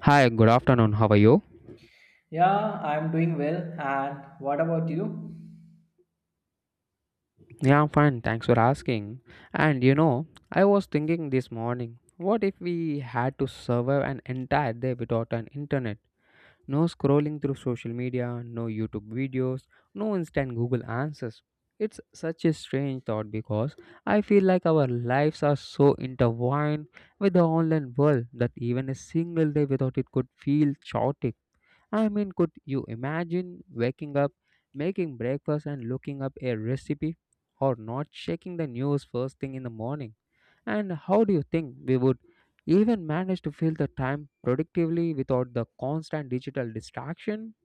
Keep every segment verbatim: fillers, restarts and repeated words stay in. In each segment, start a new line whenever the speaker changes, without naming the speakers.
Hi, good afternoon. How are you?
Yeah, I'm doing well. And what about you?
Yeah, I'm fine. Thanks for asking. And you know, I was thinking this morning, what if we had to survive an entire day without an internet? No scrolling through social media, no YouTube videos, no instant Google answers. It's such a strange thought because I feel like our lives are so intertwined with the online world that even a single day without it could feel chaotic. I mean, could you imagine waking up, making breakfast, and looking up a recipe or not checking the news first thing in the morning? And how do you think we would even manage to fill the time productively without the constant digital distraction?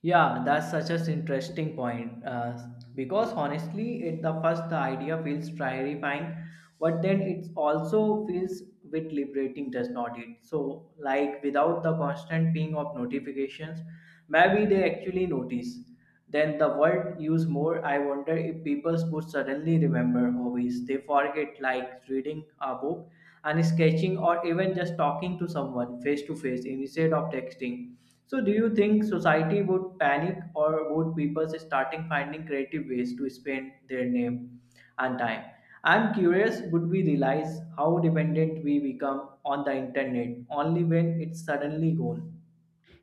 Yeah, that's such an interesting point. Uh, because honestly, at the first, the idea feels terrifying, but then it also feels a bit liberating, does not it? So, like without the constant ping of notifications, maybe they actually notice. Then the world use more. I wonder if people would suddenly remember hobbies. They forget like reading a book and sketching or even just talking to someone face to face instead of texting. So do you think society would panic or would people starting finding creative ways to spend their name and time? I'm curious would we realize how dependent we become on the internet only when it's suddenly gone?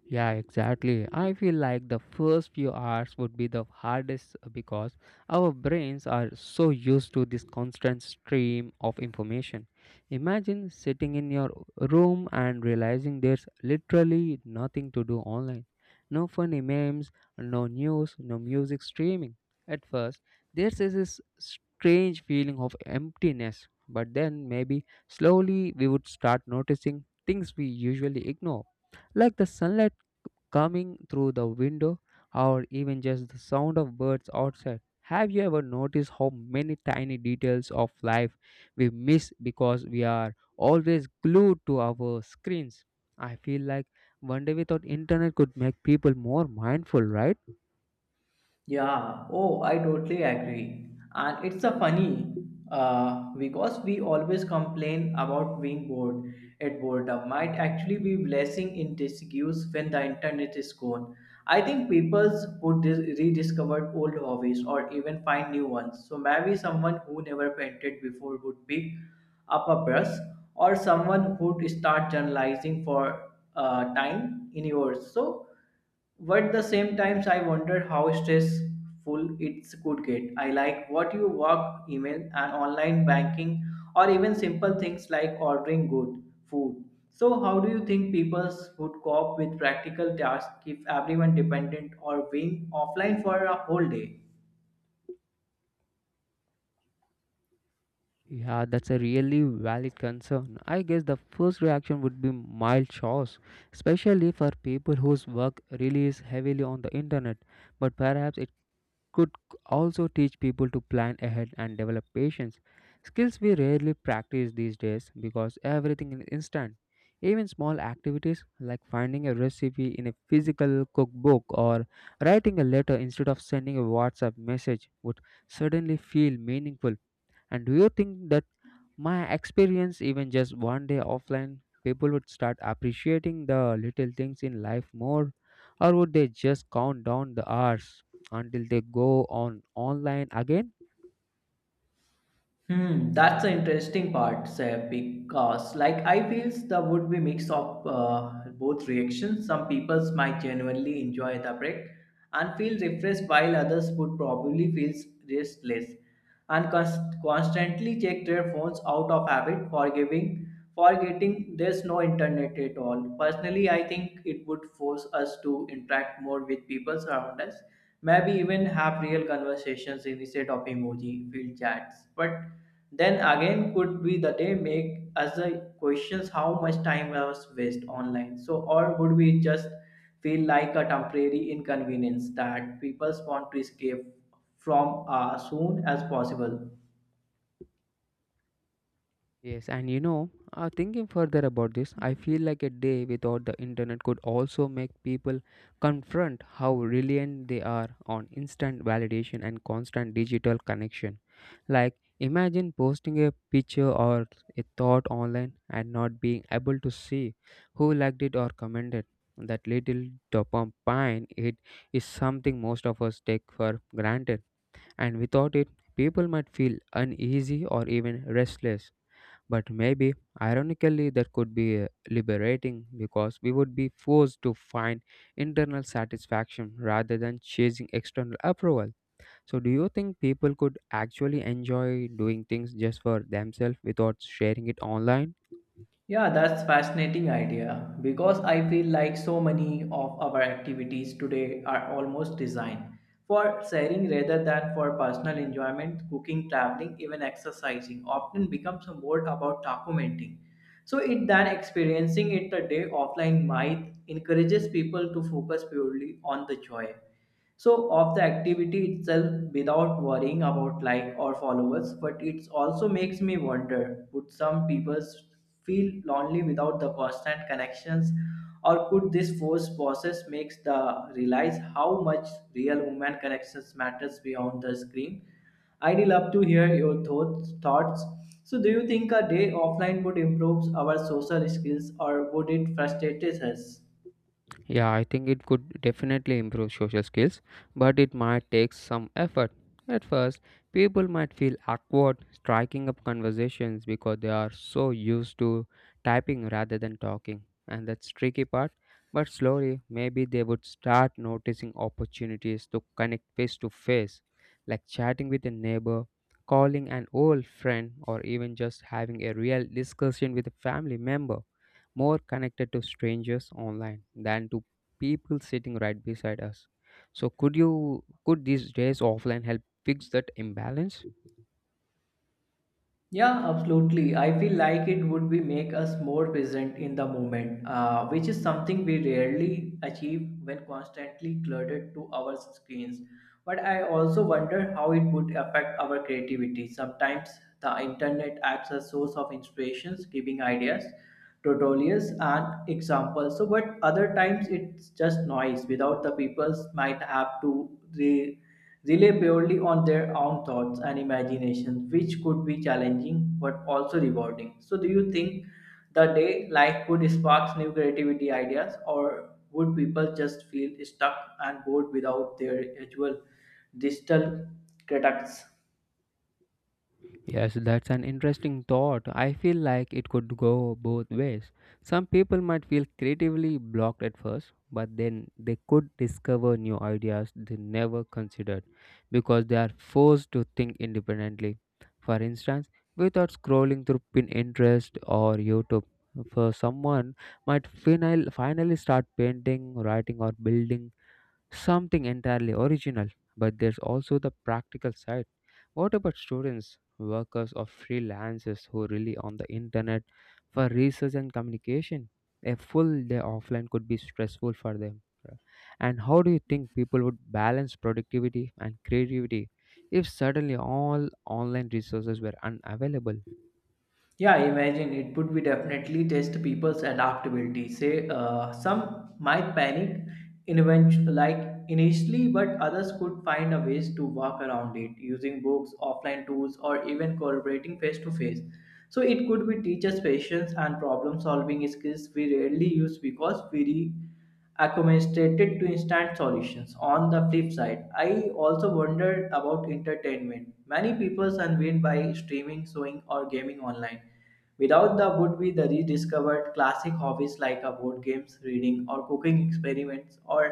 Yeah, exactly. I feel like the first few hours would be the hardest uh, because our brains are so used to this constant stream of information. Imagine sitting in your room and realizing there's literally nothing to do online. No funny memes, no news, no music streaming. At first, there's this strange feeling of emptiness, but then maybe slowly we would start noticing things we usually ignore like the sunlight coming through the window, or even just the sound of birds outside. Have you ever noticed how many tiny details of life we miss because we are always glued to our screens? I feel like one day without internet could make people more mindful, right?
Yeah, oh, I totally agree. And it's a funny uh, because we always complain about being bored at boredom might actually be blessing in disguise when the internet is gone. I think people would dis- rediscover old hobbies or even find new ones. So maybe someone who never painted before would pick up a brush or someone would start journalizing for uh, time in yours. So but the same times I wondered how stressful it could get. I like what you work, email and online banking or even simple things like ordering good food. So how do you think people would cope with practical tasks if everyone dependent or being offline for a whole day?
Yeah, that's a really valid concern. I guess the first reaction would be mild shocks, especially for people whose work relies heavily on the internet. But perhaps it could also teach people to plan ahead and develop patience, skills we rarely practice these days because everything is instant. Even small activities like finding a recipe in a physical cookbook or writing a letter instead of sending a WhatsApp message would suddenly feel meaningful, and do you think that my experience, even just one day offline, people would start appreciating the little things in life more? Or would they just count down the hours until they go on online again?
Hmm, that's the interesting part, Seb, because like I feels the would be mix of uh, both reactions. Some peoples might genuinely enjoy the break and feel refreshed, while others would probably feel restless and const- constantly check their phones out of habit, forgiving, forgetting there's no internet at all. Personally, I think it would force us to interact more with people around us maybe even have real conversations instead of emoji field chats but then again, could be the day make us the questions how much time was waste online. So, or would we just feel like a temporary inconvenience that people want to escape from as soon as possible?
Yes, and you know, uh, thinking further about this, I feel like a day without the internet could also make people confront how reliant they are on instant validation and constant digital connection. Like, imagine posting a picture or a thought online and not being able to see who liked it or commented. That little dopamine it is something most of us take for granted, and without it, people might feel uneasy or even restless, but maybe, ironically, that could be uh, liberating because we would be forced to find internal satisfaction rather than chasing external approval. So, do you think people could actually enjoy doing things just for themselves without sharing it online?
Yeah, that's fascinating idea because I feel like so many of our activities today are almost designed for sharing rather than for personal enjoyment. Cooking, traveling, even exercising often becomes more about documenting. So it than experiencing it a day offline might encourages people to focus purely on the joy so of the activity itself without worrying about like or followers but it also makes me wonder would some people feel lonely without the constant connections or could this forced process makes the realize how much real human connections matters beyond the screen. I'd love to hear your thoughts thoughts So do you think a day offline would improve our social skills or would it frustrate us?
Yeah, I think it could definitely improve social skills, but it might take some effort. At first, people might feel awkward striking up conversations because they are so used to typing rather than talking, and that's tricky part. But slowly, maybe they would start noticing opportunities to connect face to face, like chatting with a neighbor, calling an old friend, or even just having a real discussion with a family member more connected to strangers online than to people sitting right beside us. So could you could these days offline help fix that imbalance?
Yeah, absolutely. I feel like it would be make us more present in the moment, uh, which is something we rarely achieve when constantly cluttered to our screens. But I also wonder how it would affect our creativity. Sometimes the internet acts as source of inspirations, giving ideas, tutorials, and examples. So, but other times it's just noise. Without the people, might have to re rely purely on their own thoughts and imagination, which could be challenging but also rewarding. So, do you think the day life would spark new creativity ideas, or would people just feel stuck and bored without their usual digital critics?
Yes, that's an interesting thought. I feel like it could go both ways. Some people might feel creatively blocked at first, but then they could discover new ideas they never considered because they are forced to think independently. For instance, without scrolling through Pinterest or YouTube, for someone might final, finally start painting, writing, or building something entirely original, but there's also the practical side. What about students, workers, or freelancers who rely on the internet for research and communication? A full day offline could be stressful for them, right? And how do you think people would balance productivity and creativity if suddenly all online resources were unavailable?
Yeah, imagine it would be definitely test people's adaptability. Say, uh, some might panic, invent like initially, but others could find a ways to work around it using books, offline tools, or even collaborating face to face. So it could be teachers' patience and problem-solving skills we rarely use because we accommodated to instant solutions. On the flip side, I also wondered about entertainment. Many people unwind by streaming, sewing, or gaming online. Without the would be the rediscovered classic hobbies like a board games, reading, or cooking experiments, or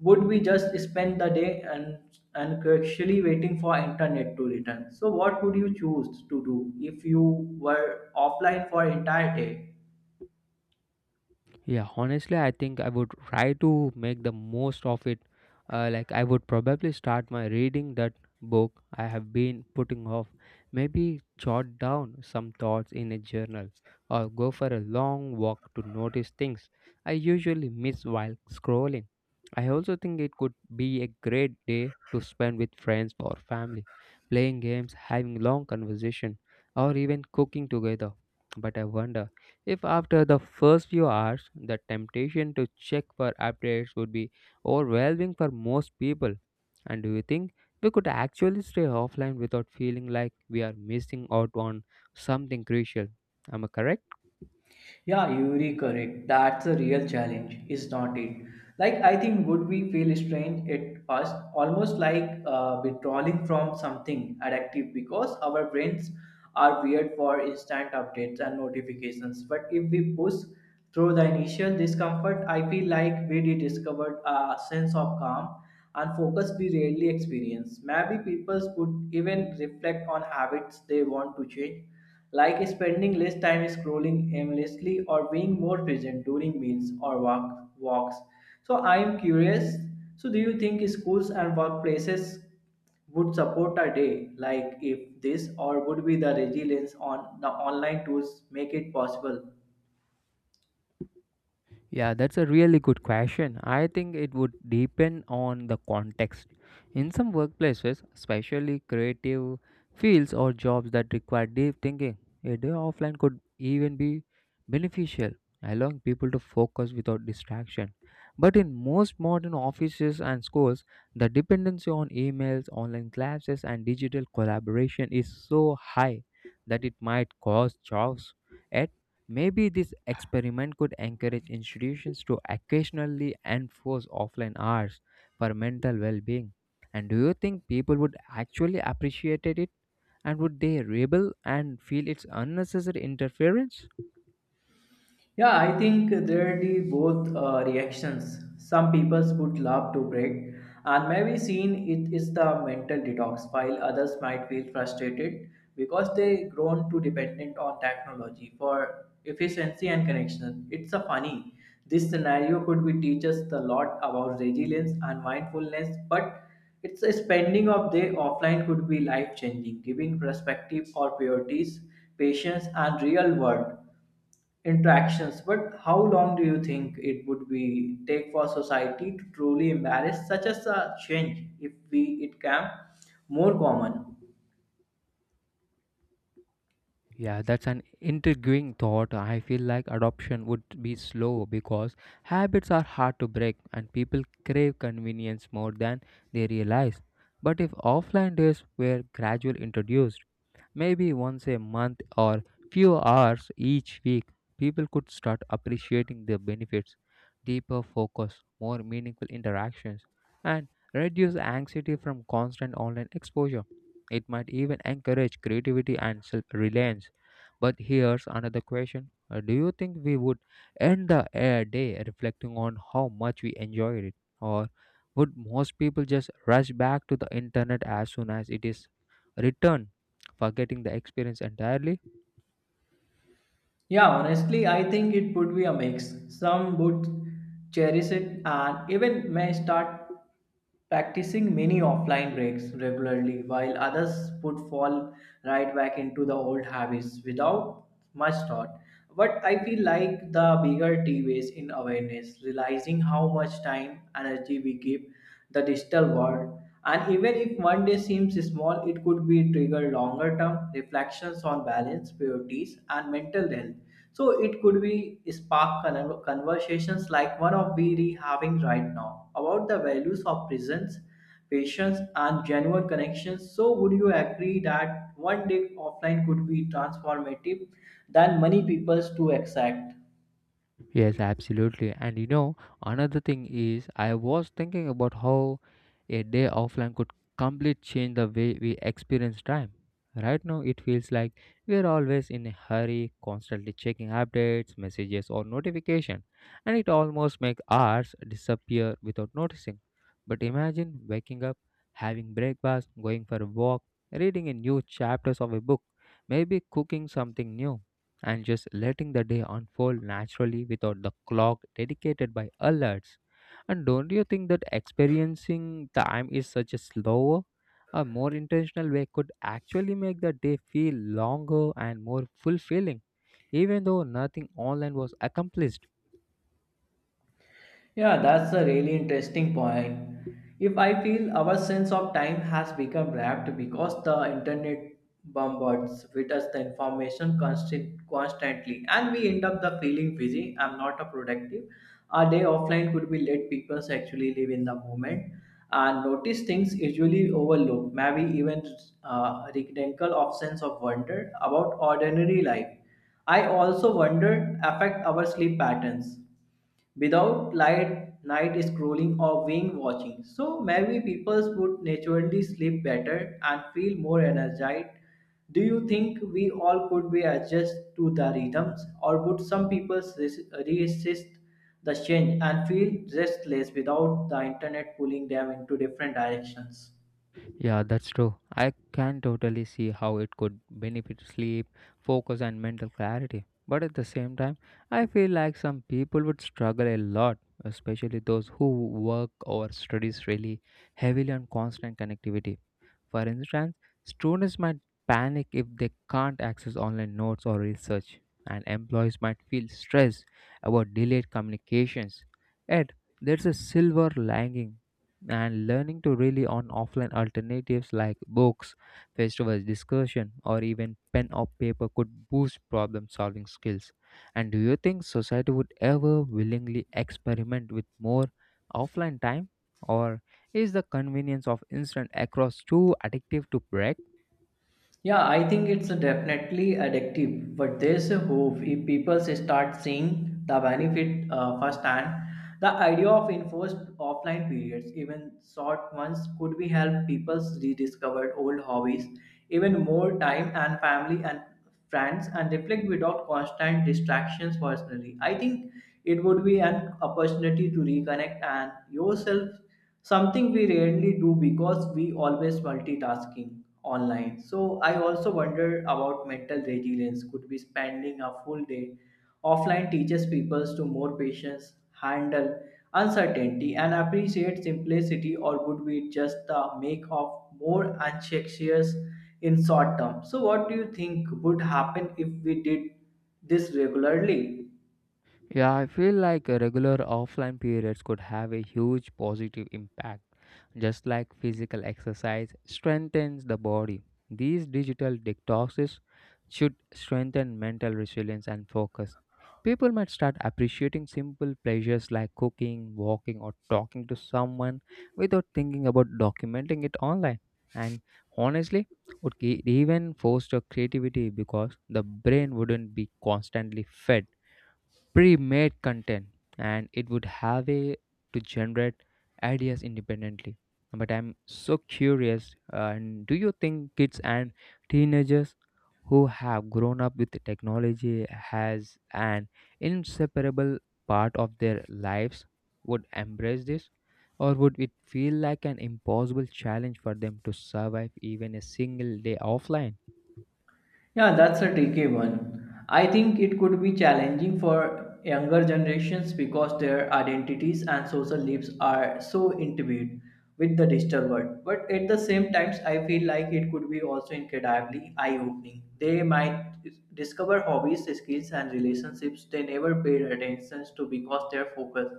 would we just spend the day and and actually waiting for internet to return? So, what would you choose to do if you were offline for entire day?
Yeah, honestly, I think I would try to make the most of it. Uh, like, I would probably start my reading that book I have been putting off. Maybe jot down some thoughts in a journal or go for a long walk to notice things I usually miss while scrolling. I also think it could be a great day to spend with friends or family, playing games, having long conversation, or even cooking together. But I wonder if after the first few hours, the temptation to check for updates would be overwhelming for most people. And do you think we could actually stay offline without feeling like we are missing out on something crucial? Am I correct?
Yeah, you're correct. That's a real challenge, is not it? Like I think would we feel strange at first, almost like uh, withdrawing from something addictive because our brains are weird for instant updates and notifications. But if we push through the initial discomfort, I feel like we rediscovered a sense of calm and focus we rarely experience. Maybe people would even reflect on habits they want to change like spending less time scrolling aimlessly or being more present during meals or walk, walks. So I am curious. So do you think schools and workplaces would support a day like if this or would be the resilience on the online tools make it possible?
Yeah, that's a really good question. I think it would depend on the context. In some workplaces, especially creative fields or jobs that require deep thinking, a day offline could even be beneficial, allowing people to focus without distraction. But in most modern offices and schools, the dependency on emails, online classes, and digital collaboration is so high that it might cause chaos. At Maybe this experiment could encourage institutions to occasionally enforce offline hours for mental well being. And do you think people would actually appreciate it? And would they rebel and feel it's unnecessary interference?
Yeah, I think there are the both uh, reactions. Some people would love to break, and maybe seen it is the mental detox, while others might feel frustrated because they grown too dependent on technology for efficiency and connection. It's a funny. This scenario could be teach us a lot about resilience and mindfulness, but it's a spending of day offline could be life changing, giving perspective or priorities, patience, and real world interactions but how long do you think it would be take for society to truly embrace such as a change if we it can more common?
Yeah, that's an intriguing thought. I feel like adoption would be slow because habits are hard to break and people crave convenience more than they realize. But if offline days were gradually introduced, maybe once a month or few hours each week, people could start appreciating the benefits, deeper focus, more meaningful interactions, and reduce anxiety from constant online exposure. It might even encourage creativity and self reliance. But here's another question. Uh, Do you think we would end the uh, day reflecting on how much we enjoyed it? Or would most people just rush back to the internet as soon as it is returned, forgetting the experience entirely?
Yeah, honestly, I think it would be a mix. Some would cherish it and even may start practicing mini offline breaks regularly, while others would fall right back into the old habits without much thought. But I feel like the bigger T V is in awareness, realizing how much time, energy we give the digital world. And even if one day seems small, it could be trigger longer term reflections on balance, priorities, and mental health. So it could be spark con- conversations like one of we are having right now about the values of presence, patience, and genuine connections. So would you agree that one day offline could be transformative than many people's to exact?
Yes, absolutely. And you know, another thing is I was thinking about how a day offline could completely change the way we experience time. Right now, it feels like we're always in a hurry, constantly checking updates, messages, or notification, and it almost makes hours disappear without noticing. But imagine waking up, having breakfast, going for a walk, reading a new chapters of a book, maybe cooking something new and just letting the day unfold naturally without the clock dedicated by alerts. And don't you think that experiencing time is such a slower a more intentional way could actually make the day feel longer and more fulfilling, even though nothing online was accomplished?
Yeah, that's a really interesting point. If I feel our sense of time has become wrapped because the internet bombards with us the information constant, constantly, and we end up the feeling busy. I'm not a productive. A day offline could be let people actually live in the moment and notice things usually overlooked. Maybe even uh, rekindle of sense of wonder about ordinary life. I also wonder affect our sleep patterns without light night scrolling or wing watching so maybe people would naturally sleep better and feel more energized. Do you think we all could be adjust to the rhythms or would some people res- resist the change and feel restless without the internet pulling them into different directions?
Yeah, that's true. I can totally see how it could benefit sleep, focus, and mental clarity. But at the same time, I feel like some people would struggle a lot, especially those who work or studies really heavily on constant connectivity. For instance, students might panic if they can't access online notes or research, and employees might feel stressed about delayed communications. Yet, there's a silver lining, and learning to rely on offline alternatives like books, face-to-face discussion, or even pen or paper could boost problem-solving skills. And do you think society would ever willingly experiment with more offline time? Or is the convenience of instant across too addictive to break?
Yeah, I think it's definitely addictive, but there's a hope if people start seeing the benefit uh, firsthand. The idea of enforced offline periods, even short ones, could be help people rediscover old hobbies, even more time and family and friends and reflect without constant distractions personally. I think it would be an opportunity to reconnect and yourself, something we rarely do because we always multitasking online. So I also wonder about mental resilience. Could be spending a full day offline teaches people to more patience, handle uncertainty, and appreciate simplicity, or would be just the make of more anxious in short term. So, what do you think would happen if we did this regularly?
Yeah, I feel like uh, regular offline periods could have a huge positive impact. Just like physical exercise strengthens the body, these digital detoxes should strengthen mental resilience and focus. People might start appreciating simple pleasures like cooking, walking, or talking to someone without thinking about documenting it online. And honestly, would e- even foster creativity because the brain wouldn't be constantly fed pre-made content and it would have a to generate ideas independently, but I'm so curious. Uh, and do you think kids and teenagers who have grown up with technology has an inseparable part of their lives would embrace this, or would it feel like an impossible challenge for them to survive even a single day offline?
Yeah, that's a tricky one. I think it could be challenging for younger generations because their identities and social lives are so intimate with the digital world. But at the same times, I feel like it could be also incredibly eye-opening. They might discover hobbies, skills, and relationships they never paid attention to because they're focused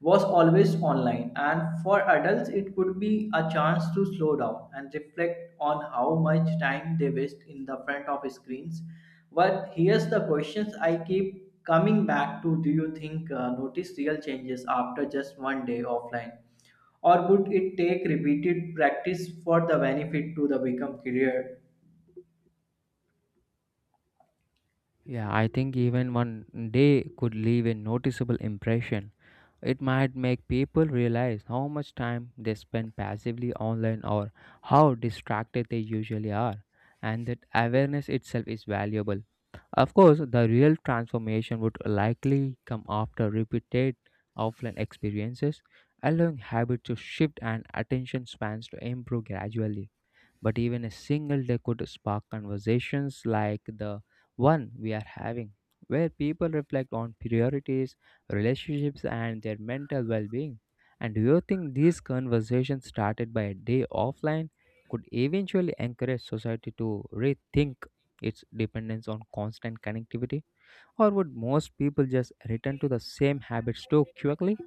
was always online, and for adults, it could be a chance to slow down and reflect on how much time they waste in the front of screens. But here's the questions I keep coming back to. Do you think uh, notice real changes after just one day offline? Or would it take repeated practice for the benefit to the become clear?
Yeah, I think even one day could leave a noticeable impression. It might make people realize how much time they spend passively online or how distracted they usually are, and that awareness itself is valuable. Of course, the real transformation would likely come after repeated offline experiences, allowing habits to shift and attention spans to improve gradually, but even a single day could spark conversations like the one we are having, where people reflect on priorities, relationships, and their mental well being. And do you think these conversations started by a day offline could eventually encourage society to rethink its dependence on constant connectivity? Or would most people just return to the same habits too quickly?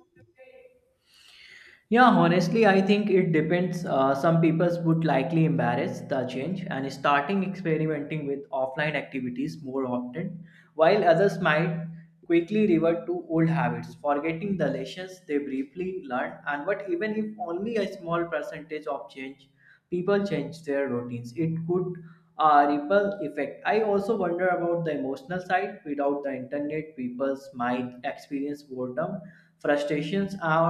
Yeah, honestly, I think it depends. Uh, some people would likely embrace the change and starting experimenting with offline activities more often, while others might quickly revert to old habits, forgetting the lessons they briefly learned, and what even if only a small percentage of change people change their routines it could uh, ripple effect. I also wonder about the emotional side without the internet people might experience boredom frustrations or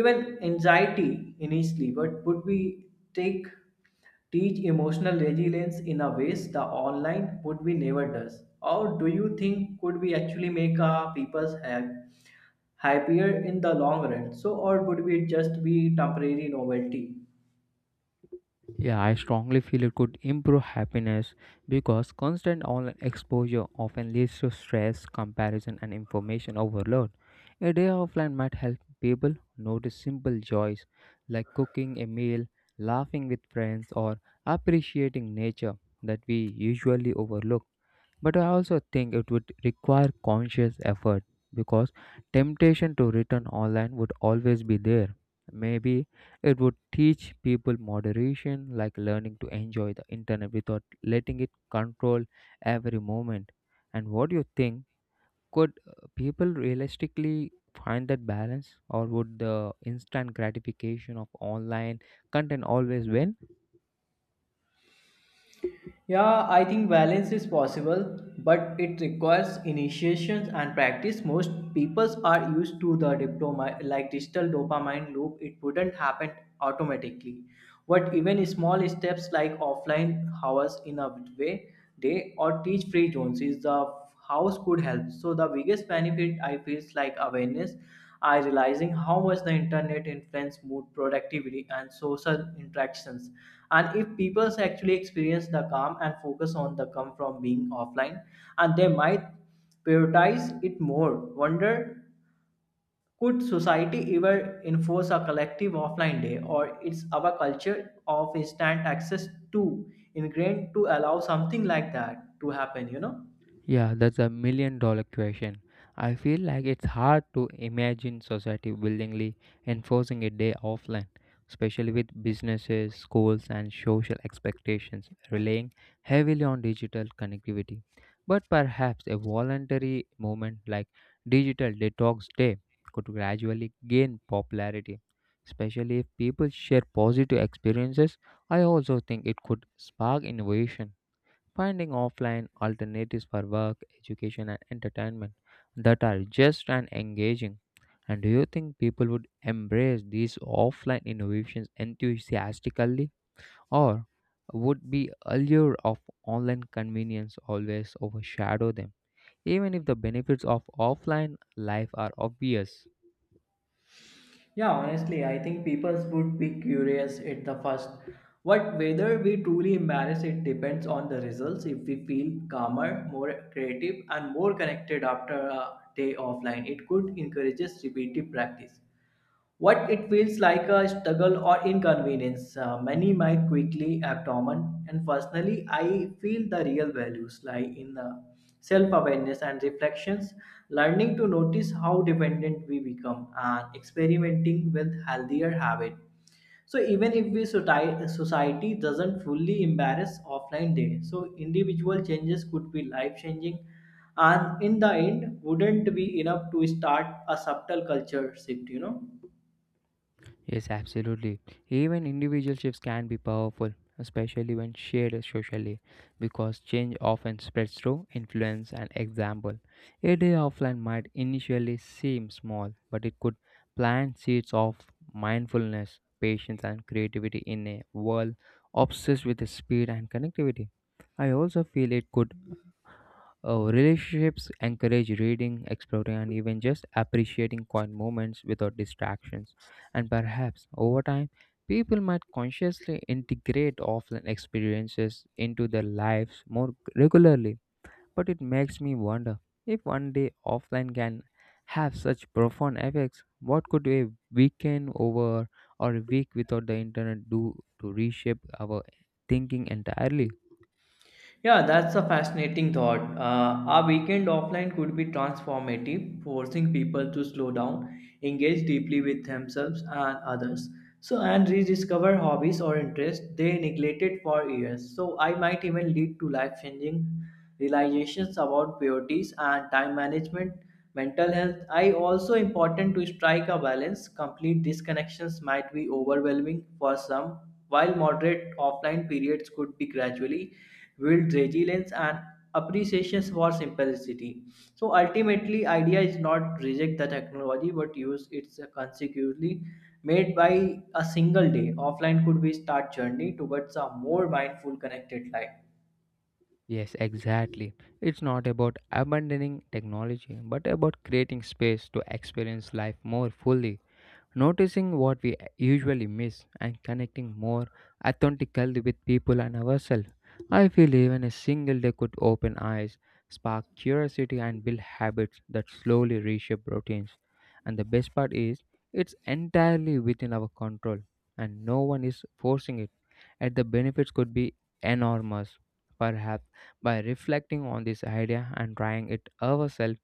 even anxiety initially but would we take teach emotional resilience in a ways the online would we never does or do you think could we actually make uh, people's ha- happier in the long run so or would we just be temporary novelty?
Yeah, I strongly feel it could improve happiness because constant online exposure often leads to stress, comparison, and information overload. A day offline might help people notice simple joys like cooking a meal, laughing with friends, or appreciating nature that we usually overlook. But I also think it would require conscious effort because temptation to return online would always be there. Maybe it would teach people moderation, like learning to enjoy the internet without letting it control every moment. And what do you think? Could uh, people realistically find that balance, or would the instant gratification of online content always win?
Yeah, I think balance is possible, but it requires initiations and practice. Most peoples are used to the diploma like digital dopamine loop. It wouldn't happen automatically. But even small steps like offline hours in a way day or teach free zones is the house could help. So the biggest benefit I feel is like awareness, I realizing how much the internet influence mood, productivity, and social interactions, and if people actually experience the calm and focus on the come from being offline, and they might prioritize it more. Wonder, could society ever enforce a collective offline day, or is our culture of instant access too ingrained to allow something like that to happen? You know?
Yeah, that's a million dollar question. I feel like it's hard to imagine society willingly enforcing a day offline, especially with businesses, schools, and social expectations relying heavily on digital connectivity. But perhaps a voluntary movement like Digital Detox Day could gradually gain popularity, especially if people share positive experiences. I also think it could spark innovation finding offline alternatives for work, education, and entertainment that are just and engaging. And do you think people would embrace these offline innovations enthusiastically, or would be allure of online convenience always overshadow them, even if the benefits of offline life are obvious?
Yeah, honestly, I think people would be curious at the first. But whether we truly embrace it depends on the results. If we feel calmer, more creative, and more connected after a day offline, it could encourage repetitive practice what it feels. It's like a struggle or inconvenience. Uh, many might quickly abdomen, and personally, I feel the real values lie in the self-awareness and reflections, learning to notice how dependent we become, and experimenting with healthier habits. So even if we soci- society doesn't fully embrace offline day, so individual changes could be life-changing, and in the end, wouldn't be enough to start a subtle culture shift. You know.
Yes, absolutely. Even individual shifts can be powerful, especially when shared socially, because change often spreads through influence and example. A day offline might initially seem small, but it could plant seeds of mindfulness, patience, and creativity in a world obsessed with speed and connectivity. I also feel it could uh, relationships encourage reading, exploring, and even just appreciating quiet moments without distractions. And perhaps over time, people might consciously integrate offline experiences into their lives more regularly. But it makes me wonder if one day offline can have such profound effects, what could a weekend over or a week without the internet do to reshape our thinking entirely?
Yeah, that's a fascinating thought. Uh, our weekend offline could be transformative, forcing people to slow down, engage deeply with themselves and others, so and rediscover hobbies or interests they neglected for years. So I might even lead to life-changing realizations about priorities and time management, mental health. I also important to strike a balance. Complete disconnections might be overwhelming for some, while moderate offline periods could be gradually build resilience and appreciation for simplicity. So ultimately, idea is not reject the technology but use it consecutively. Made by a single day. Offline could be start journey towards a more mindful connected life.
Yes, exactly. It's not about abandoning technology, but about creating space to experience life more fully, noticing what we usually miss and connecting more authentically with people and ourselves. I feel even a single day could open eyes, spark curiosity, and build habits that slowly reshape routines. And the best part is, it's entirely within our control, and no one is forcing it. And the benefits could be enormous. Perhaps by reflecting on this idea and trying it ourselves,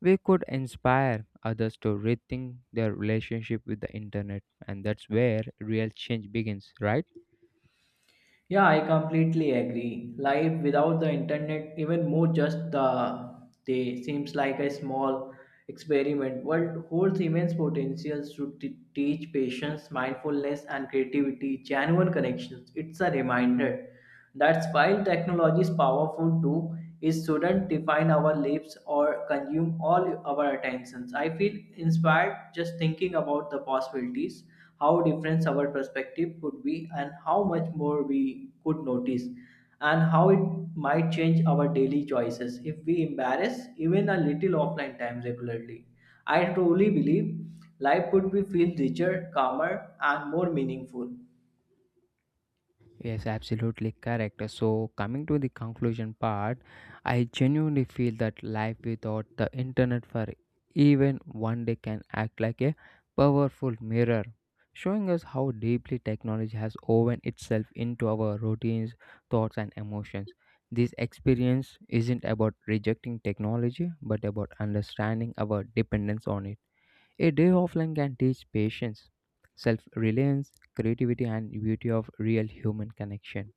we could inspire others to rethink their relationship with the internet, and that's where real change begins, right?
Yeah, I completely agree. Life without the internet, even more just the day, seems like a small experiment. World holds immense potentials to t- teach patience, mindfulness, and creativity, genuine connections. It's a reminder that while technology is powerful too, it shouldn't define our lives or consume all our attentions. I feel inspired just thinking about the possibilities, how different our perspective could be, and how much more we could notice, and how it might change our daily choices if we embrace even a little offline time regularly. I truly believe life would be feel richer, calmer, and more meaningful.
Yes, absolutely correct. So, coming to the conclusion part, I genuinely feel that life without the internet for even one day can act like a powerful mirror, showing us how deeply technology has woven itself into our routines, thoughts, and emotions. This experience isn't about rejecting technology, but about understanding our dependence on it. A day offline can teach patience, self reliance, creativity, and beauty of real human connection.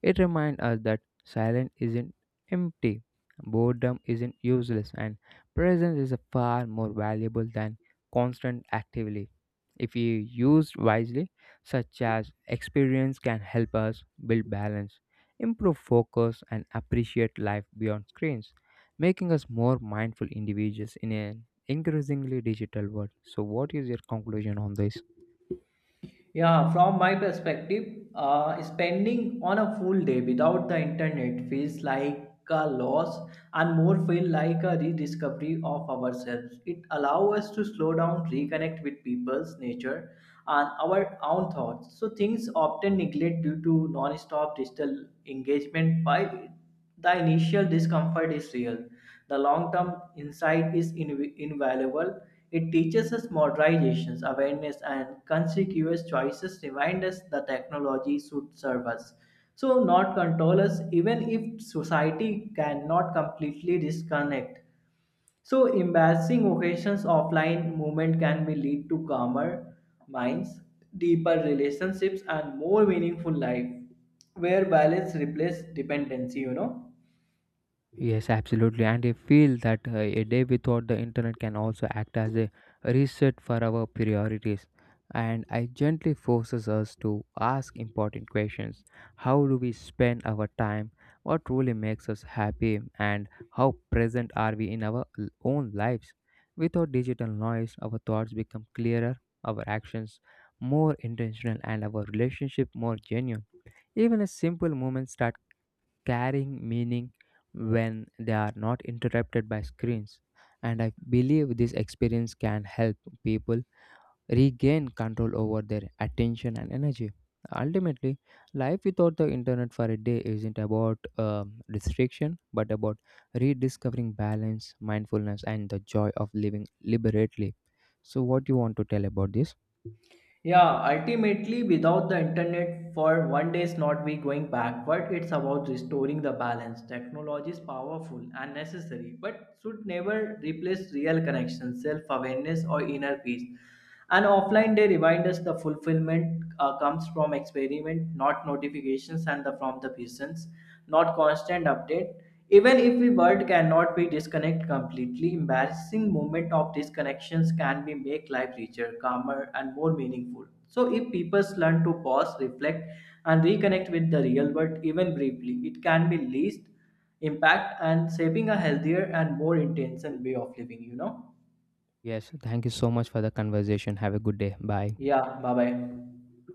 It reminds us that silence isn't empty, boredom isn't useless, and presence is far more valuable than constant activity. If you used wisely, such as experience can help us build balance, improve focus, and appreciate life beyond screens, making us more mindful individuals in an increasingly digital world. So, what is your conclusion on this?
Yeah, from my perspective, uh, spending on a full day without the internet feels like a loss and more feel like a rediscovery of ourselves. It allows us to slow down, reconnect with people's nature and our own thoughts. So things often neglect due to non-stop digital engagement. While the initial discomfort is real. The long term insight is inv- invaluable. It teaches us modernization, awareness, and conspicuous choices remind us the technology should serve us. So, not control us, even if society cannot completely disconnect. So, embarrassing occasions offline movement can be lead to calmer minds, deeper relationships, and more meaningful life where balance replaces dependency, you know.
Yes, absolutely. And I feel that uh, a day without the internet can also act as a reset for our priorities. And it gently forces us to ask important questions. How do we spend our time? What really makes us happy? And how present are we in our l- own lives? Without digital noise, our thoughts become clearer, our actions more intentional, and our relationship more genuine. Even a simple moment start carrying meaning when they are not interrupted by screens. And I believe this experience can help people regain control over their attention and energy. Ultimately, life without the internet for a day isn't about um, restriction, but about rediscovering balance, mindfulness, and the joy of living liberately. So, what do you want to tell about this?
Yeah, ultimately, without the internet for one day is not we going backward. It's about restoring the balance. Technology is powerful and necessary, but should never replace real connection, self awareness, or inner peace. An offline day reminds us the fulfillment uh, comes from experiment, not notifications, and the, from the patients, not constant update. Even if we world cannot be disconnect completely, embarrassing moment of disconnections can be make life richer, calmer, and more meaningful. So if people learn to pause, reflect, and reconnect with the real world, even briefly, it can be least impact and shaping a healthier and more intentional way of living. You know?
Yes, thank you so much for the conversation. Have a good day. Bye.
Yeah. Bye bye.